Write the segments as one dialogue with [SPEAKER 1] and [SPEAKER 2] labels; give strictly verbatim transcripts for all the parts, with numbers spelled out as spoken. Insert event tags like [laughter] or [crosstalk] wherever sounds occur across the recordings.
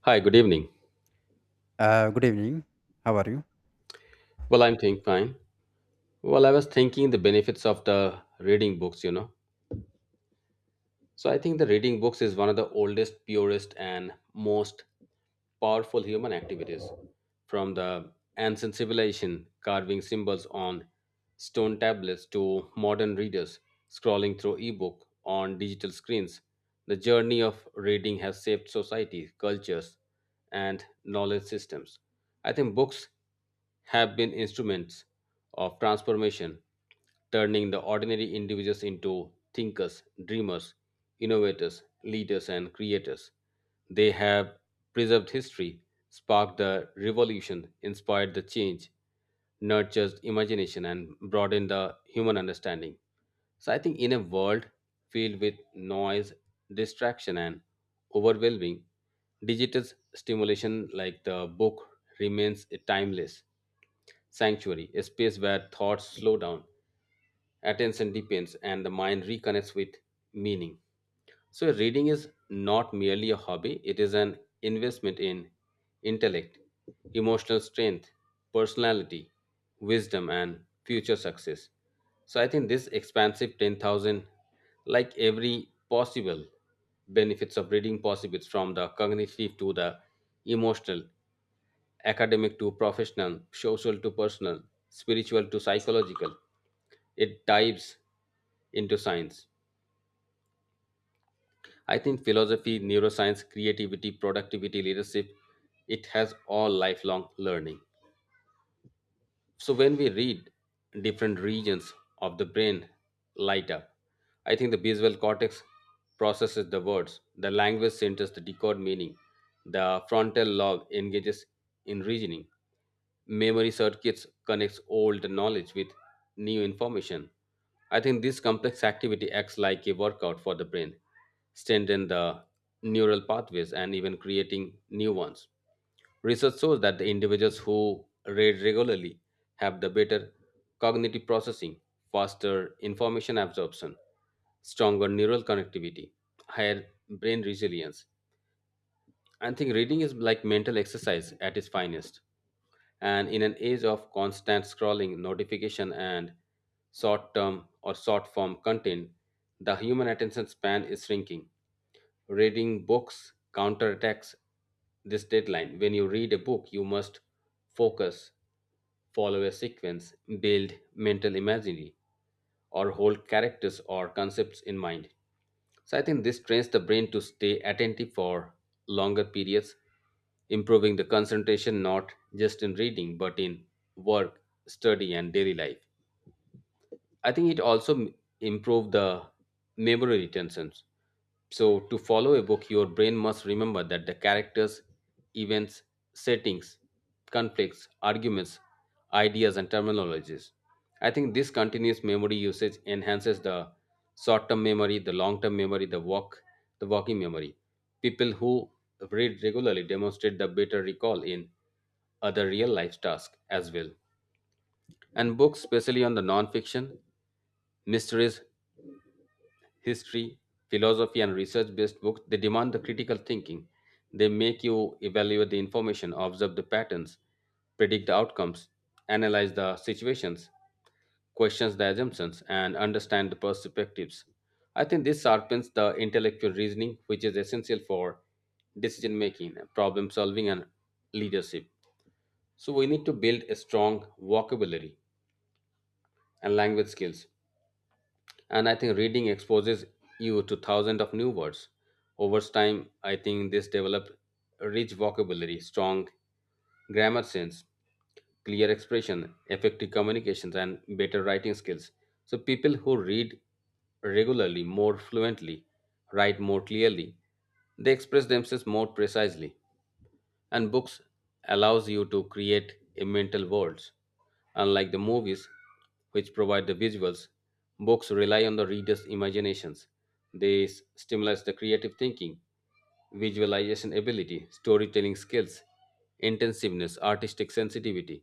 [SPEAKER 1] Hi, good evening.
[SPEAKER 2] Uh, good evening. How are you?
[SPEAKER 1] Well, I'm doing fine. Well, I was thinking the benefits of the reading books, you know. So I think the reading books is one of the oldest, purest, and most powerful human activities. From the ancient civilization carving symbols on stone tablets to modern readers scrolling through ebook on digital screens, the journey of reading has shaped society, cultures, and knowledge systems. I think books have been instruments of transformation turning the ordinary individuals into thinkers, dreamers, innovators, leaders, and creators. They have preserved history, sparked the revolution, inspired the change, nurtured imagination and broadened the human understanding. So I think in a world filled with noise, distraction, and overwhelming, digital stimulation like the book remains timeless. Sanctuary, a space where thoughts slow down, attention deepens, and the mind reconnects with meaning. So, reading is not merely a hobby, it is an investment in intellect, emotional strength, personality, wisdom, and future success. So, I think this expansive ten thousand, like every possible benefits of reading, possibles from the cognitive to the emotional, academic to professional, social to personal, spiritual to psychological. It dives into science. I think philosophy, neuroscience, creativity, productivity, leadership, it has all lifelong learning. So when we read, different regions of the brain light up. I think the visual cortex processes the words, the language centers to decode meaning, the frontal lobe engages in reasoning, memory circuits connects old knowledge with new information. I think this complex activity acts like a workout for the brain, strengthen the neural pathways and even creating new ones. Research shows that the individuals who read regularly have the better cognitive processing, faster information absorption, stronger neural connectivity, higher brain resilience. I think reading is like mental exercise at its finest. And in an age of constant scrolling, notification, and short term or short form content, the human attention span is shrinking reading books counterattacks this deadline. When you read a book, you must focus, follow a sequence, build mental imagery, or hold characters or concepts in mind. So I think this trains the brain to stay attentive for longer periods, improving the concentration not just in reading but in work, study, and daily life. I think it also m- improved the memory retentions. So to follow a book, your brain must remember that the characters, events, settings, conflicts, arguments, ideas, and terminologies. I think this continuous memory usage enhances the short-term memory, the long-term memory, the walk, the walking memory. People who read regularly demonstrate the better recall in other real life tasks as well. And books, especially on the non-fiction, mysteries, history, philosophy, and research based books, they demand the critical thinking. They make you evaluate the information, observe the patterns, predict the outcomes, analyze the situations, questions the assumptions, and understand the perspectives. I think this sharpens the intellectual reasoning, which is essential for decision making, problem solving, and leadership. So, we need to build a strong vocabulary and language skills, and I think reading exposes you to thousands of new words over time. I think this developed a rich vocabulary, strong grammar sense, clear expression, effective communications, and better writing skills. So people who read regularly more fluently, write more clearly, they express themselves more precisely. And books allows you to create a mental worlds. Unlike the movies which provide the visuals, books rely on the reader's imaginations. They s- stimulate the creative thinking, visualization ability, storytelling skills, intensiveness, artistic sensitivity.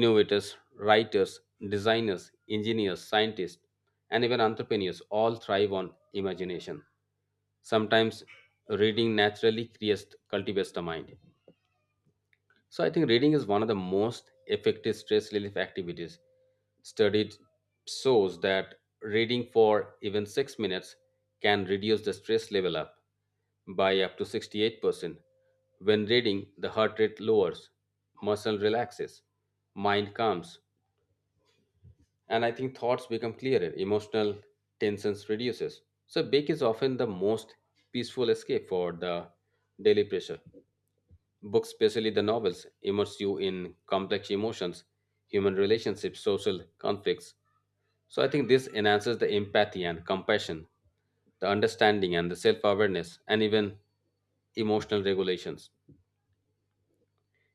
[SPEAKER 1] Innovators, writers, designers, engineers, scientists, and even entrepreneurs all thrive on imagination. Sometimes reading naturally creates, cultivates the mind. So I think reading is one of the most effective stress relief activities. Studied shows that reading for even six minutes can reduce the stress level up by up to sixty-eight percent. When reading, the heart rate lowers, muscle relaxes, mind calms, and I think thoughts become clearer, emotional tensions reduces. So book is often the most peaceful escape for the daily pressure. Books, especially the novels, immerse you in complex emotions, human relationships, social conflicts. So I think this enhances the empathy and compassion, the understanding and the self awareness, and even emotional regulations.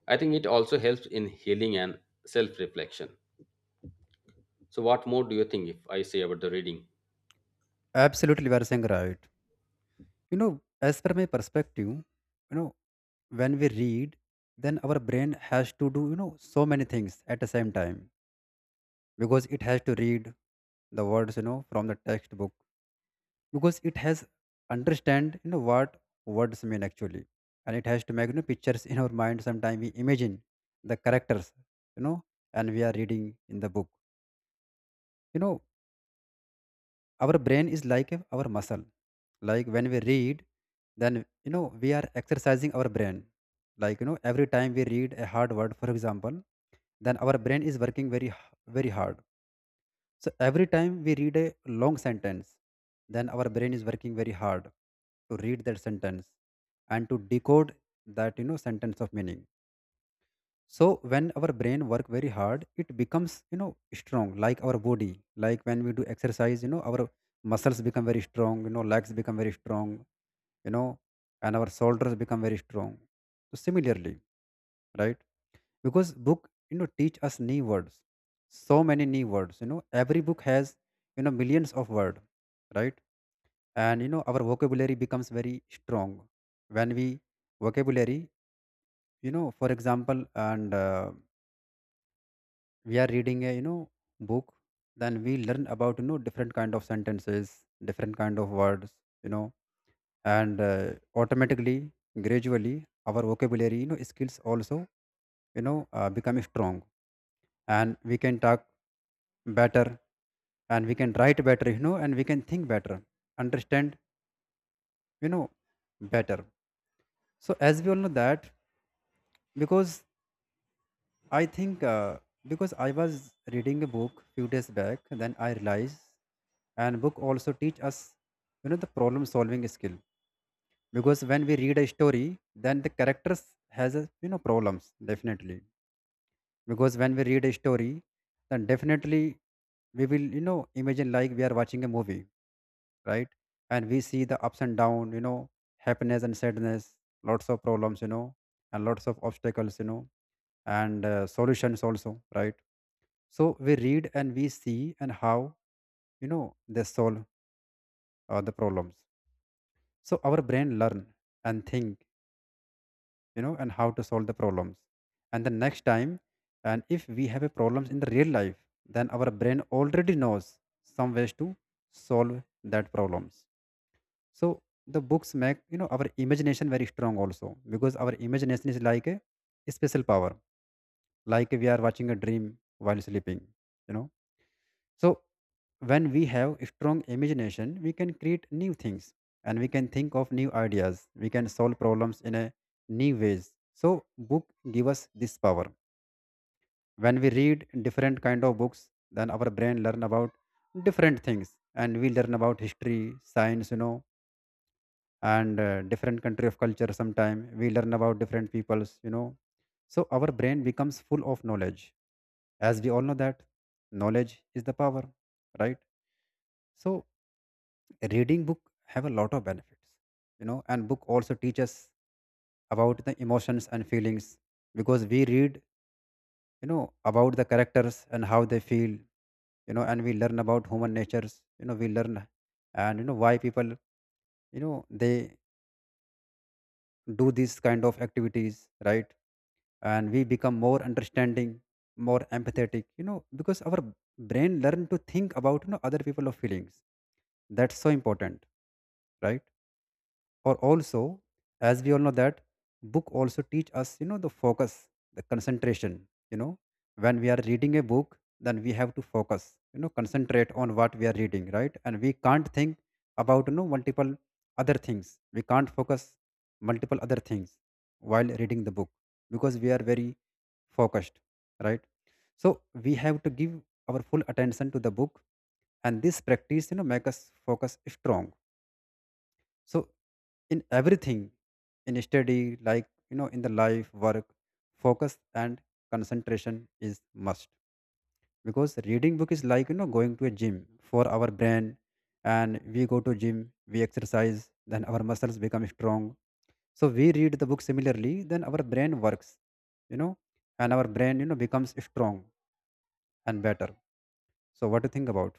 [SPEAKER 1] I think it also helps in healing and self reflection. So, what more do you think if I say about the reading?
[SPEAKER 2] Absolutely, you are saying right. You know, as per my perspective, you know, when we read, then our brain has to do, you know, so many things at the same time because it has to read the words, you know, from the textbook because it has understand, you know, what words mean actually, and it has to make you know pictures in our mind. Sometimes we imagine the characters, you know, and we are reading in the book. You know, our brain is like a- our muscle, like when we read, then you know we are exercising our brain, like you know every time we read a hard word, for example, then our brain is working very h- very hard. So every time we read a long sentence, then our brain is working very hard to read that sentence and to decode that, you know, sentence of meaning. So when our brain work very hard, it becomes, you know, strong like our body, like when we do exercise, you know, our muscles become very strong, you know, legs become very strong, you know, and our shoulders become very strong. So similarly, right, because book, you know, teach us new words, so many new words, you know, every book has, you know, millions of word, right? And you know our vocabulary becomes very strong when we vocabulary, you know, for example, and uh, we are reading a, you know, book, then we learn about, you know, different kind of sentences, different kind of words, you know, and uh, automatically, gradually our vocabulary, you know, skills also, you know, uh, become strong, and we can talk better, and we can write better, you know, and we can think better, understand, you know, better. So as we all know that, because I think, uh, because I was reading a book few days back, then I realized, and book also teach us, you know, the problem solving skill. Because when we read a story, then the characters has a, you know, problems definitely. Because when we read a story, then definitely we will, you know, imagine like we are watching a movie, right? And we see the ups and down, you know, happiness and sadness, lots of problems, you know, and lots of obstacles, you know, and uh, solutions also, right? So we read and we see and how, you know, they solve uh, the problems. So our brain learn and think, you know, and how to solve the problems. And the next time, and if we have a problems in the real life, then our brain already knows some ways to solve that problems. So the books make, you know, our imagination very strong also, because our imagination is like a special power, like we are watching a dream while sleeping, you know. So, when we have strong imagination, we can create new things and we can think of new ideas. We can solve problems in a new ways. So, book give us this power. When we read different kind of books, then our brain learn about different things and we learn about history, science, you know, and uh, different country of culture sometime. We learn about different peoples, you know. So, our brain becomes full of knowledge. As we all know that knowledge is the power, right? So reading book have a lot of benefits, you know, and book also teach us about the emotions and feelings, because we read, you know, about the characters and how they feel, you know, and we learn about human natures, you know, we learn and you know why people, you know, they do these kind of activities, right? And we become more understanding, more empathetic, you know, because our brain learn to think about, you know, other people of feelings. That's so important, right? Or also, as we all know that book also teach us, you know, the focus, the concentration, you know, when we are reading a book, then we have to focus, you know, concentrate on what we are reading, right? And we can't think about, you know, multiple other things, we can't focus multiple other things while reading the book, because we are very focused, right? So we have to give our full attention to the book, and this practice, you know, make us focus strong. So in everything, in study, like you know, in the life work, focus and concentration is must, because reading book is like, you know, going to a gym for our brain. And we go to gym, we exercise, then our muscles become strong. So we read the book similarly, then our brain works, you know, and our brain, you know, becomes strong and better. So what do you think about?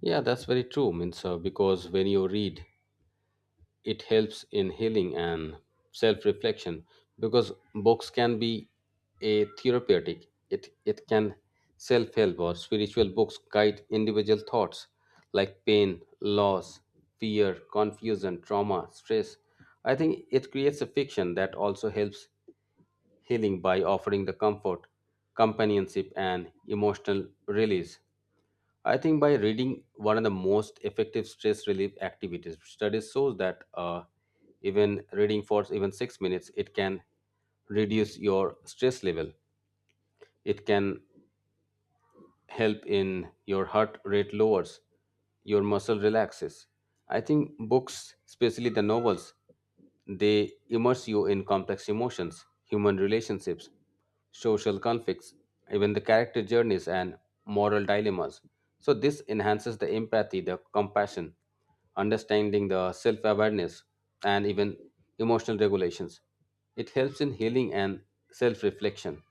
[SPEAKER 1] Yeah, that's very true. Means uh, because when you read, it helps in healing and self reflection because books can be a therapeutic. It it can self help, or spiritual books guide individual thoughts like pain, loss, fear, confusion, trauma, stress. I think it creates a fiction that also helps healing by offering the comfort, companionship, and emotional release. I think by reading one of the most effective stress relief activities. Studies shows that uh, even reading for even six minutes, it can reduce your stress level. It can help in your heart rate lowers, your muscle relaxes. I think books, especially the novels, they immerse you in complex emotions, human relationships, social conflicts, even the character journeys and moral dilemmas. So, this enhances the empathy, the compassion, understanding the self awareness, and even emotional regulations. It helps in healing and self reflection,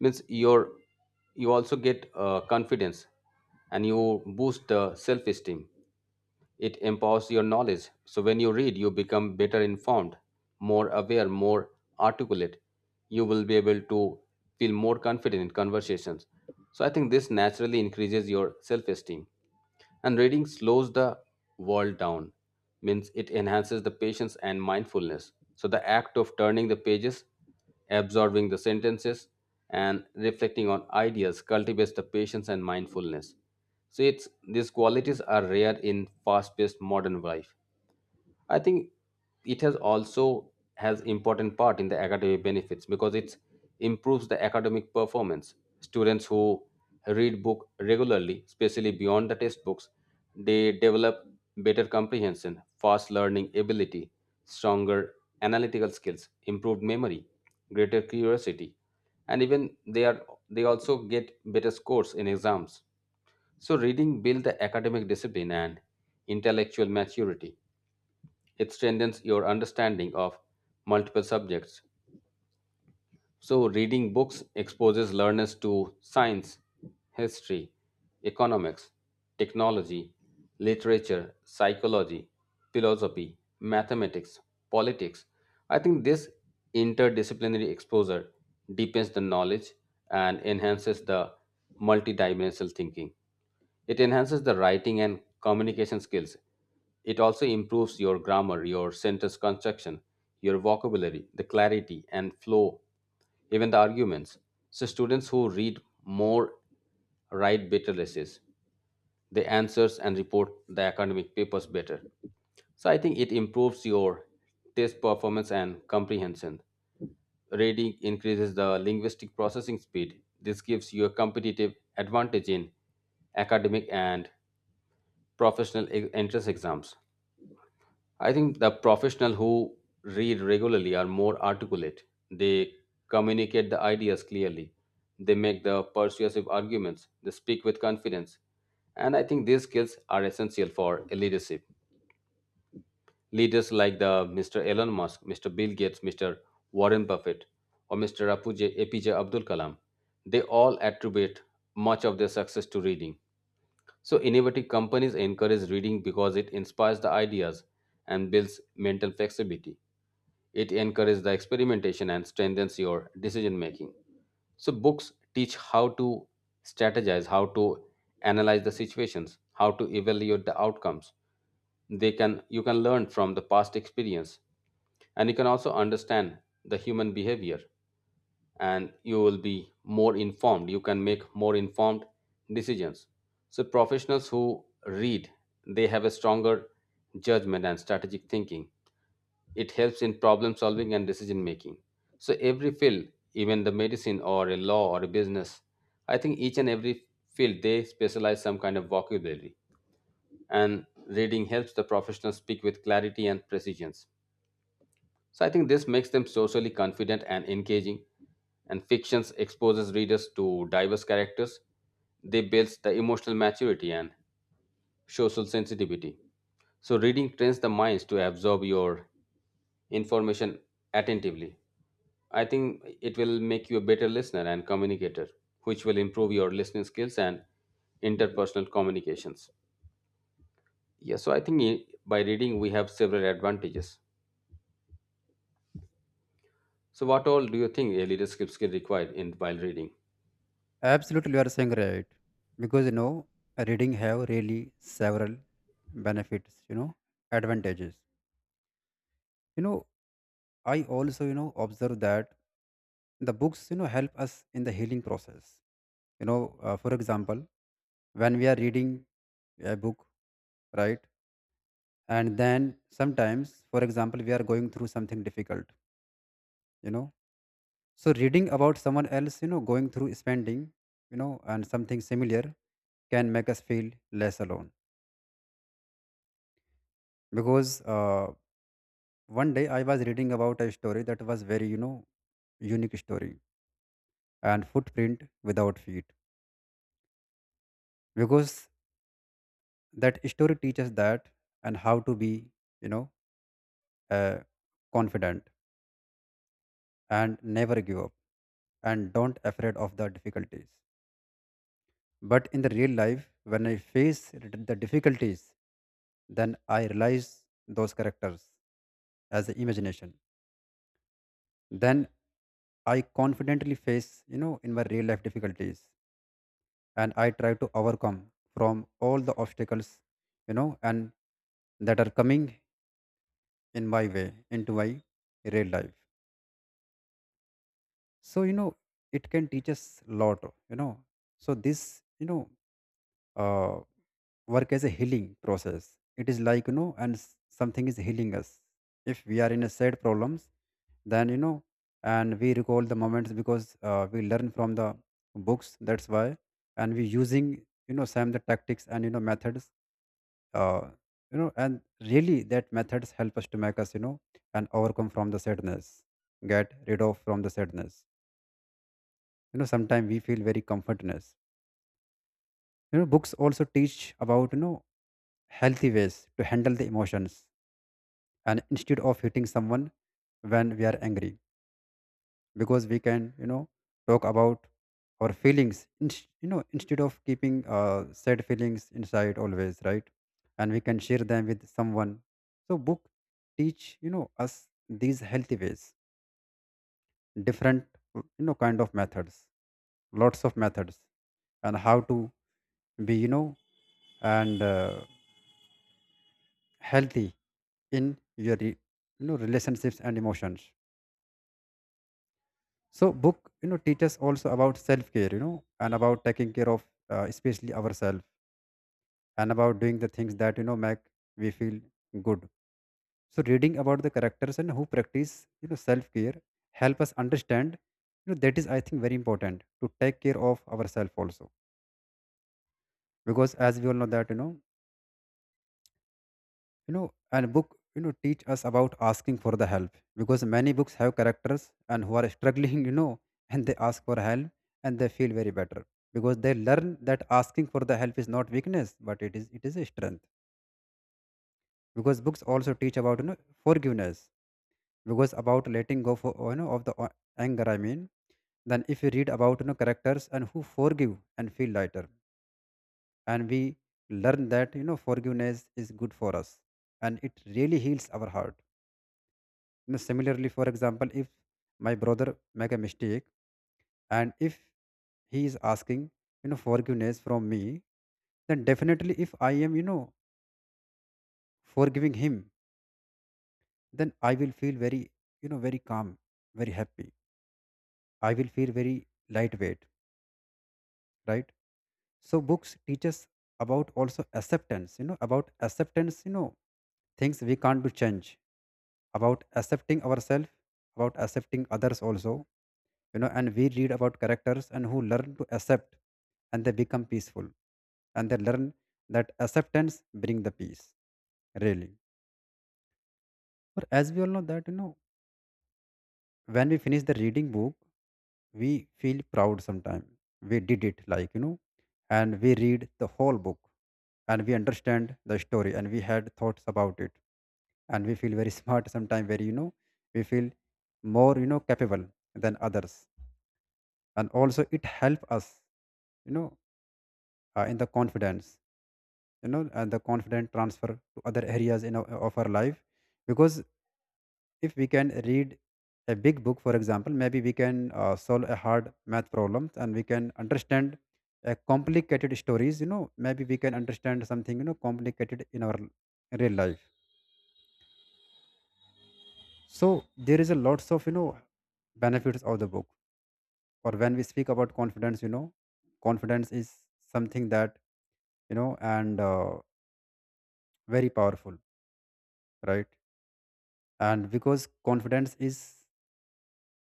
[SPEAKER 1] means your, you also get uh, confidence and you boost uh, self esteem. It empowers your knowledge. So when you read, you become better informed, more aware, more articulate. You will be able to feel more confident in conversations. So I think this naturally increases your self esteem. And reading slows the world down, means it enhances the patience and mindfulness. So the act of turning the pages, absorbing the sentences, and reflecting on ideas cultivates the patience and mindfulness. So it's these qualities are rare in fast-paced modern life. I think it has also has important part in the academic benefits because it improves the academic performance. Students who read book regularly, especially beyond the textbooks, they develop better comprehension, fast learning ability, stronger analytical skills, improved memory, greater curiosity, and even they are, they also get better scores in exams. So, reading builds the academic discipline and intellectual maturity. It strengthens your understanding of multiple subjects. So, reading books exposes learners to science, history, economics, technology, literature, psychology, philosophy, mathematics, politics. I think this interdisciplinary exposure deepens the knowledge and enhances the multidimensional thinking. It enhances the writing and communication skills. It also improves your grammar, your sentence construction, your vocabulary, the clarity and flow, even the arguments. So students who read more write better essays. They answers and report the academic papers better. So I think it improves your test performance and comprehension. Reading increases the linguistic processing speed. This gives you a competitive advantage in academic and professional e- entrance exams. I think the professional who read regularly are more articulate. They communicate the ideas clearly. They make the persuasive arguments. They speak with confidence. And I think these skills are essential for leadership. Leaders like the mister Elon Musk, mister Bill Gates, mister Warren Buffett, or mister Apuj- A P J Abdul Kalam, they all attribute much of their success to reading. So, innovative companies encourage reading because it inspires the ideas and builds mental flexibility. It encourages the experimentation and strengthens your decision making. So, books teach how to strategize, how to analyze the situations, how to evaluate the outcomes. They can, you can learn from the past experience, and you can also understand the human behavior, and you will be more informed, you can make more informed decisions. So professionals who read, they have a stronger judgment and strategic thinking. It helps in problem solving and decision making. So every field, even the medicine or a law or a business, I think each and every field they specialize some kind of vocabulary, and reading helps the professional speak with clarity and precision. So I think this makes them socially confident and engaging. And fictions exposes readers to diverse characters. They builds the emotional maturity and social sensitivity. So reading trains the minds to absorb your information attentively. I think it will make you a better listener and communicator, which will improve your listening skills and interpersonal communications. Yeah, so I think i- by reading we have several advantages. So what all do you think a leadership skill required in while reading?
[SPEAKER 2] Absolutely, you are saying right. Because you know, reading have really several benefits. You know, advantages. You know, I also you know observe that the books, you know, help us in the healing process. You know, uh, for example, when we are reading a book, right, and then sometimes, for example, we are going through something difficult. You know, so reading about someone else, you know, going through spending, you know, and something similar can make us feel less alone, because uh, one day I was reading about a story that was very, you know, unique story, and footprint without feet, because that story teaches that and how to be, you know, uh, confident and never give up and don't afraid of the difficulties. But in the real life, when I face the difficulties, then I realize those characters as the imagination. Then I confidently face, you know, in my real life difficulties, and I try to overcome from all the obstacles, you know, and that are coming in my way into my real life. So, you know, it can teach us a lot, you know. So this, you know, uh work as a healing process. It is like, you know, and s- something is healing us. If we are in a sad problems, then, you know, and we recall the moments because uh, we learn from the books. That's why. And we using, you know, some the tactics and, you know, methods, uh, you know, and really that methods help us to make us, you know, and overcome from the sadness, get rid of from the sadness. You know, sometimes we feel very comfortness. You know, books also teach about, you know, healthy ways to handle the emotions, and instead of hitting someone when we are angry, because we can, you know, talk about our feelings, inst- you know, instead of keeping uh, sad feelings inside always, right? And we can share them with someone. So book teach, you know, us these healthy ways, different, you know, kind of methods, lots of methods, and how to be, you know, and uh, healthy in your re- you know, relationships and emotions. So book, you know, teach us also about self-care, you know, and about taking care of uh, especially ourselves, and about doing the things that, you know, make we feel good. So reading about the characters and who practice, you know, self-care help us understand, you know, that is, I think, very important to take care of ourselves also. Because as we all know that, you know, you know, and book you know teach us about asking for the help, because many books have characters and who are [laughs] struggling, you know, and they ask for help and they feel very better, because they learn that asking for the help is not weakness, but it is, it is a strength. Because books also teach about, you know, forgiveness, because about letting go for, you know, of the o- anger, I mean, then if you read about, you know, characters and who forgive and feel lighter, and we learn that, you know, forgiveness is good for us, and it really heals our heart. Now, similarly, for example, if my brother make a mistake, and if he is asking, you know, forgiveness from me, then definitely if I am, you know, forgiving him, then I will feel very, you know, very calm, very happy. I will feel very lightweight, right? So books teach us about also acceptance, you know, about acceptance, you know, things we can't do change, about accepting ourselves, about accepting others also. You know and we read about characters and who learn to accept, and they become peaceful, and they learn that acceptance bring the peace, really. But as we all know that, you know when we finish the reading book, we feel proud sometime. We did it, like, you know and we read the whole book, and we understand the story and we had thoughts about it, and we feel very [laughs] smart sometimes, very, you know we feel more, you know capable than others. And also it help us, you know uh, in the confidence, you know and the confident transfer to other areas in our, of our life. Because if we can read a big book for example, maybe we can uh, solve a hard math problem, and we can understand uh, complicated stories, you know maybe we can understand something, you know complicated in our real life. So there is a lots of, you know benefits of the book. Or when we speak about confidence, you know confidence is something that, you know and uh, very powerful, right? And because confidence is,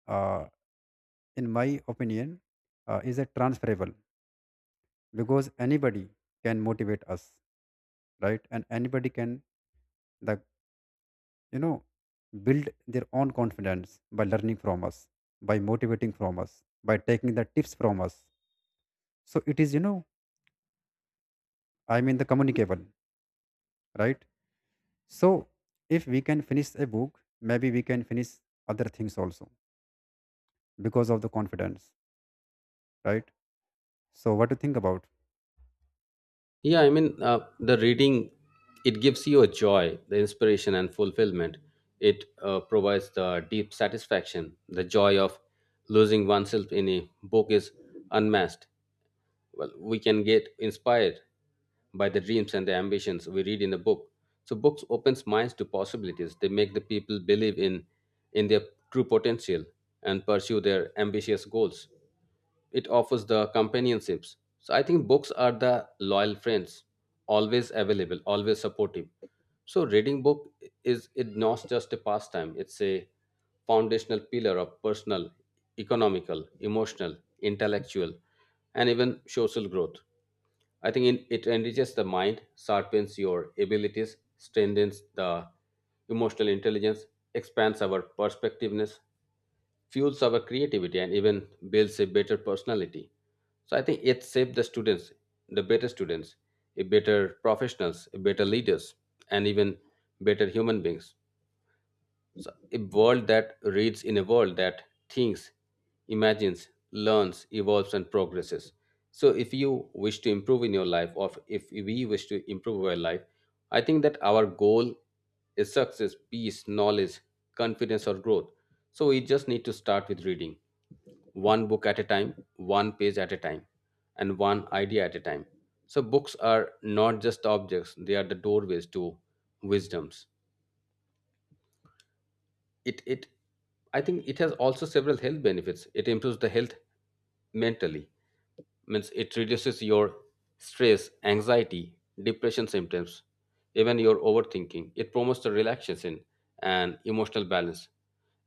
[SPEAKER 2] uh, in my opinion, uh, is a transferable, because anybody can motivate us, right? And anybody can, the you know build their own confidence by learning from us, by motivating from us, by taking the tips from us. So it is, you know I mean, the communicable, right? So if we can finish a book, maybe we can finish other things also, because of the confidence, right? So what do you think about?
[SPEAKER 1] Yeah, I mean, uh, the reading, it gives you a joy, the inspiration and fulfillment. It uh, provides the deep satisfaction. The joy of losing oneself in a book is unmatched. Well, we can get inspired by the dreams and the ambitions we read in the book. So books opens minds to possibilities, they make the people believe in in their true potential and pursue their ambitious goals. It offers the companionships. So I think books are the loyal friends, always available, always supportive. So reading book is, it not just a pastime, it's a foundational pillar of personal, economical, emotional, intellectual, and even social growth. I think in, it enriches the mind, sharpens your abilities, strengthens the emotional intelligence, expands our perspectiveness, fuels our creativity, and even builds a better personality. So I think it shapes the students, the better students, a better professionals, a better leaders, and even better human beings. So a world that reads in a world that thinks, imagines, learns, evolves, and progresses. So, if you wish to improve in your life, or if we wish to improve our life, I think that our goal is success, peace, knowledge, confidence, or growth. So, we just need to start with reading one book at a time, one page at a time, and one idea at a time. So, books are not just objects, they are the doorways to wisdoms. It it I think it has also several health benefits. It improves the health mentally, means it reduces your stress, anxiety, depression symptoms, even your overthinking. It promotes the relaxation and emotional balance.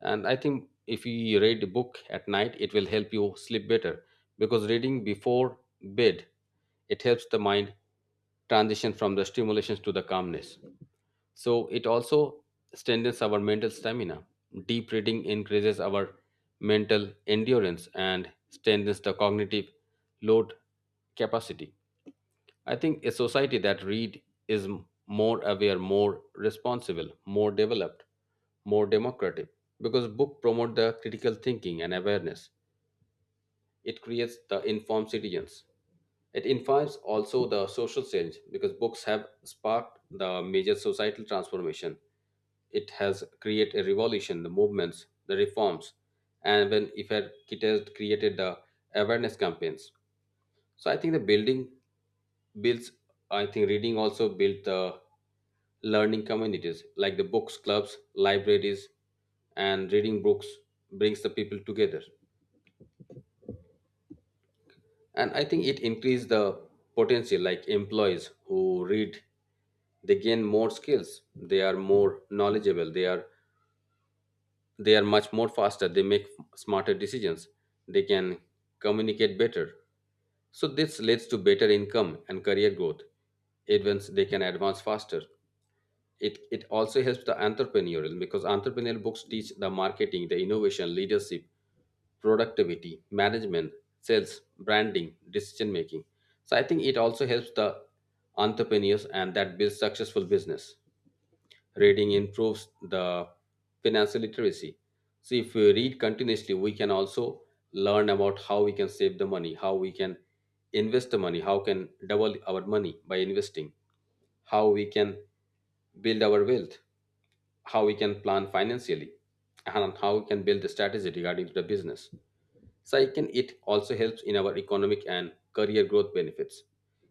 [SPEAKER 1] And I think if you read a book at night, it will help you sleep better, because reading before bed, it helps the mind transition from the stimulations to the calmness. So it also strengthens our mental stamina. Deep reading increases our mental endurance and strengthens the cognitive load capacity. I think a society that read is m- more aware, more responsible, more developed, more democratic, because book promote the critical thinking and awareness. It creates the informed citizens. It invites also the social change, because books have sparked the major societal transformation. It has created a revolution, the movements, the reforms, and when if had- it has created the awareness campaigns. So I think the building builds. I think reading also built the learning communities like the books clubs, libraries, and reading books brings the people together. And I think it increase the potential, like employees who read, they gain more skills, they are more knowledgeable, they are they are much more faster, they make smarter decisions, they can communicate better. So this leads to better income and career growth. Advance They can advance faster. It it also helps the entrepreneurial, because entrepreneurial books teach the marketing, the innovation, leadership, productivity, management, sales, branding, decision making. So I think it also helps the entrepreneurs, and that builds successful business. Reading improves the financial literacy. So if we read continuously, we can also learn about how we can save the money, how we can invest the money, how can double our money by investing, how we can build our wealth, how we can plan financially, and how we can build the strategy regarding to the business. Second, it also helps in our economic and career growth benefits.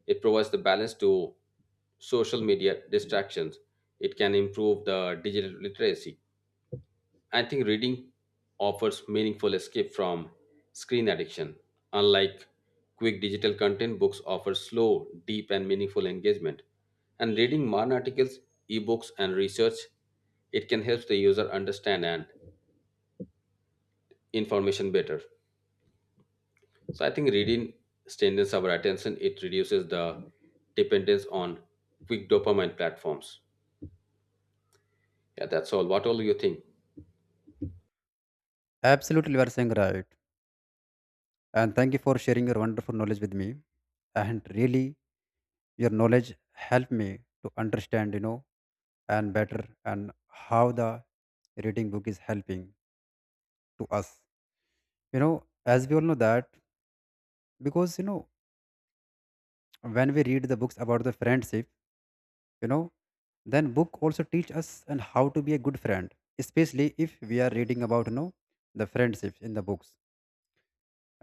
[SPEAKER 1] It provides the balance to social media distractions. It can improve the digital literacy. I think reading offers meaningful escape from screen addiction. Unlike quick digital content, books offer slow, deep, and meaningful engagement. And reading modern articles, ebooks, and research, it can help the user understand and information better. So I think reading strengthens our attention. It reduces the dependence on quick dopamine platforms. Yeah, that's all. What all you think?
[SPEAKER 2] Absolutely, you are saying right, and thank you for sharing your wonderful knowledge with me. And really, your knowledge helped me to understand, you know and better, and how the reading book is helping to us. you know as we all know that, because, you know when we read the books about the friendship, you know then book also teach us and how to be a good friend, especially if we are reading about, you know the friendship in the books.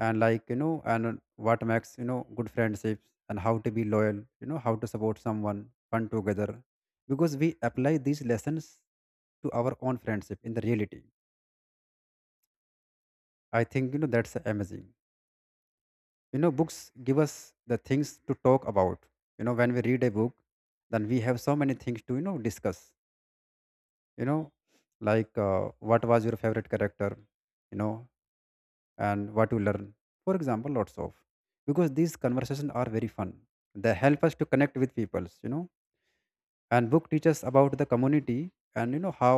[SPEAKER 2] And like, you know and what makes, you know good friendships, and how to be loyal, you know how to support someone, fun together. Because we apply these lessons to our own friendship in the reality. I think, you know that's amazing. You know books give us the things to talk about. You know when we read a book, then we have so many things to, you know discuss. you know like, uh, what was your favorite character, you know and what you learn, for example, lots of. Because these conversations are very fun, they help us to connect with peoples, you know and book teaches about the community, and you know how,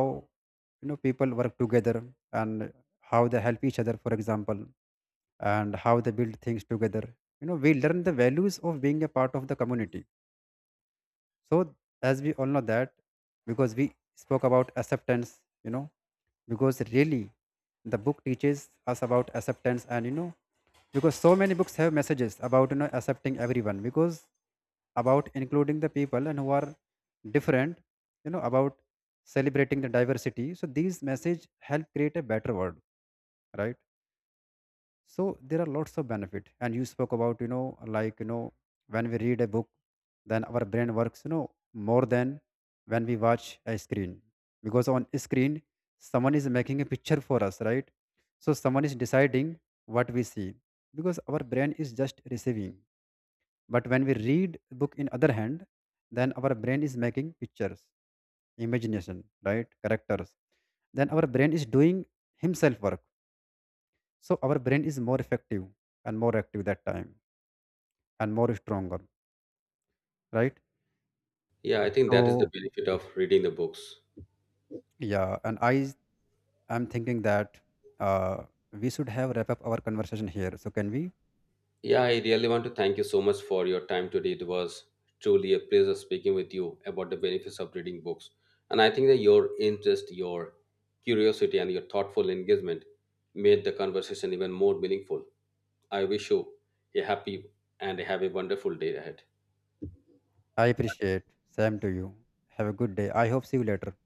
[SPEAKER 2] you know people work together, and how they help each other for example, and how they build things together. You know we learn the values of being a part of the community. So as we all know that, because we spoke about acceptance, you know because really the book teaches us about acceptance. And you know because so many books have messages about, you know accepting everyone, because about including the people and who are different. You know about celebrating the diversity, so these message help create a better world, right? So there are lots of benefit. And you spoke about, you know like, you know when we read a book, then our brain works, you know more than when we watch a screen. Because on screen, someone is making a picture for us, right? So someone is deciding what we see, because our brain is just receiving. But when we read a book in other hand, then our brain is making pictures, imagination, right? Characters. Then our brain is doing himself work. So our brain is more effective and more active that time, and more stronger, right?
[SPEAKER 1] Yeah, I think that is the
[SPEAKER 2] So,
[SPEAKER 1] benefit of reading the books.
[SPEAKER 2] yeah, and i i'm thinking that uh, we should have wrap up our conversation here, so can we?
[SPEAKER 1] Yeah, I really want to thank you so much for your time today. It was truly a pleasure speaking with you about the benefits of reading books. And I think that your interest, your curiosity, and your thoughtful engagement made the conversation even more meaningful. I wish you a happy and have a wonderful day ahead.
[SPEAKER 2] I appreciate, same to you. Have a good day, I hope see you later.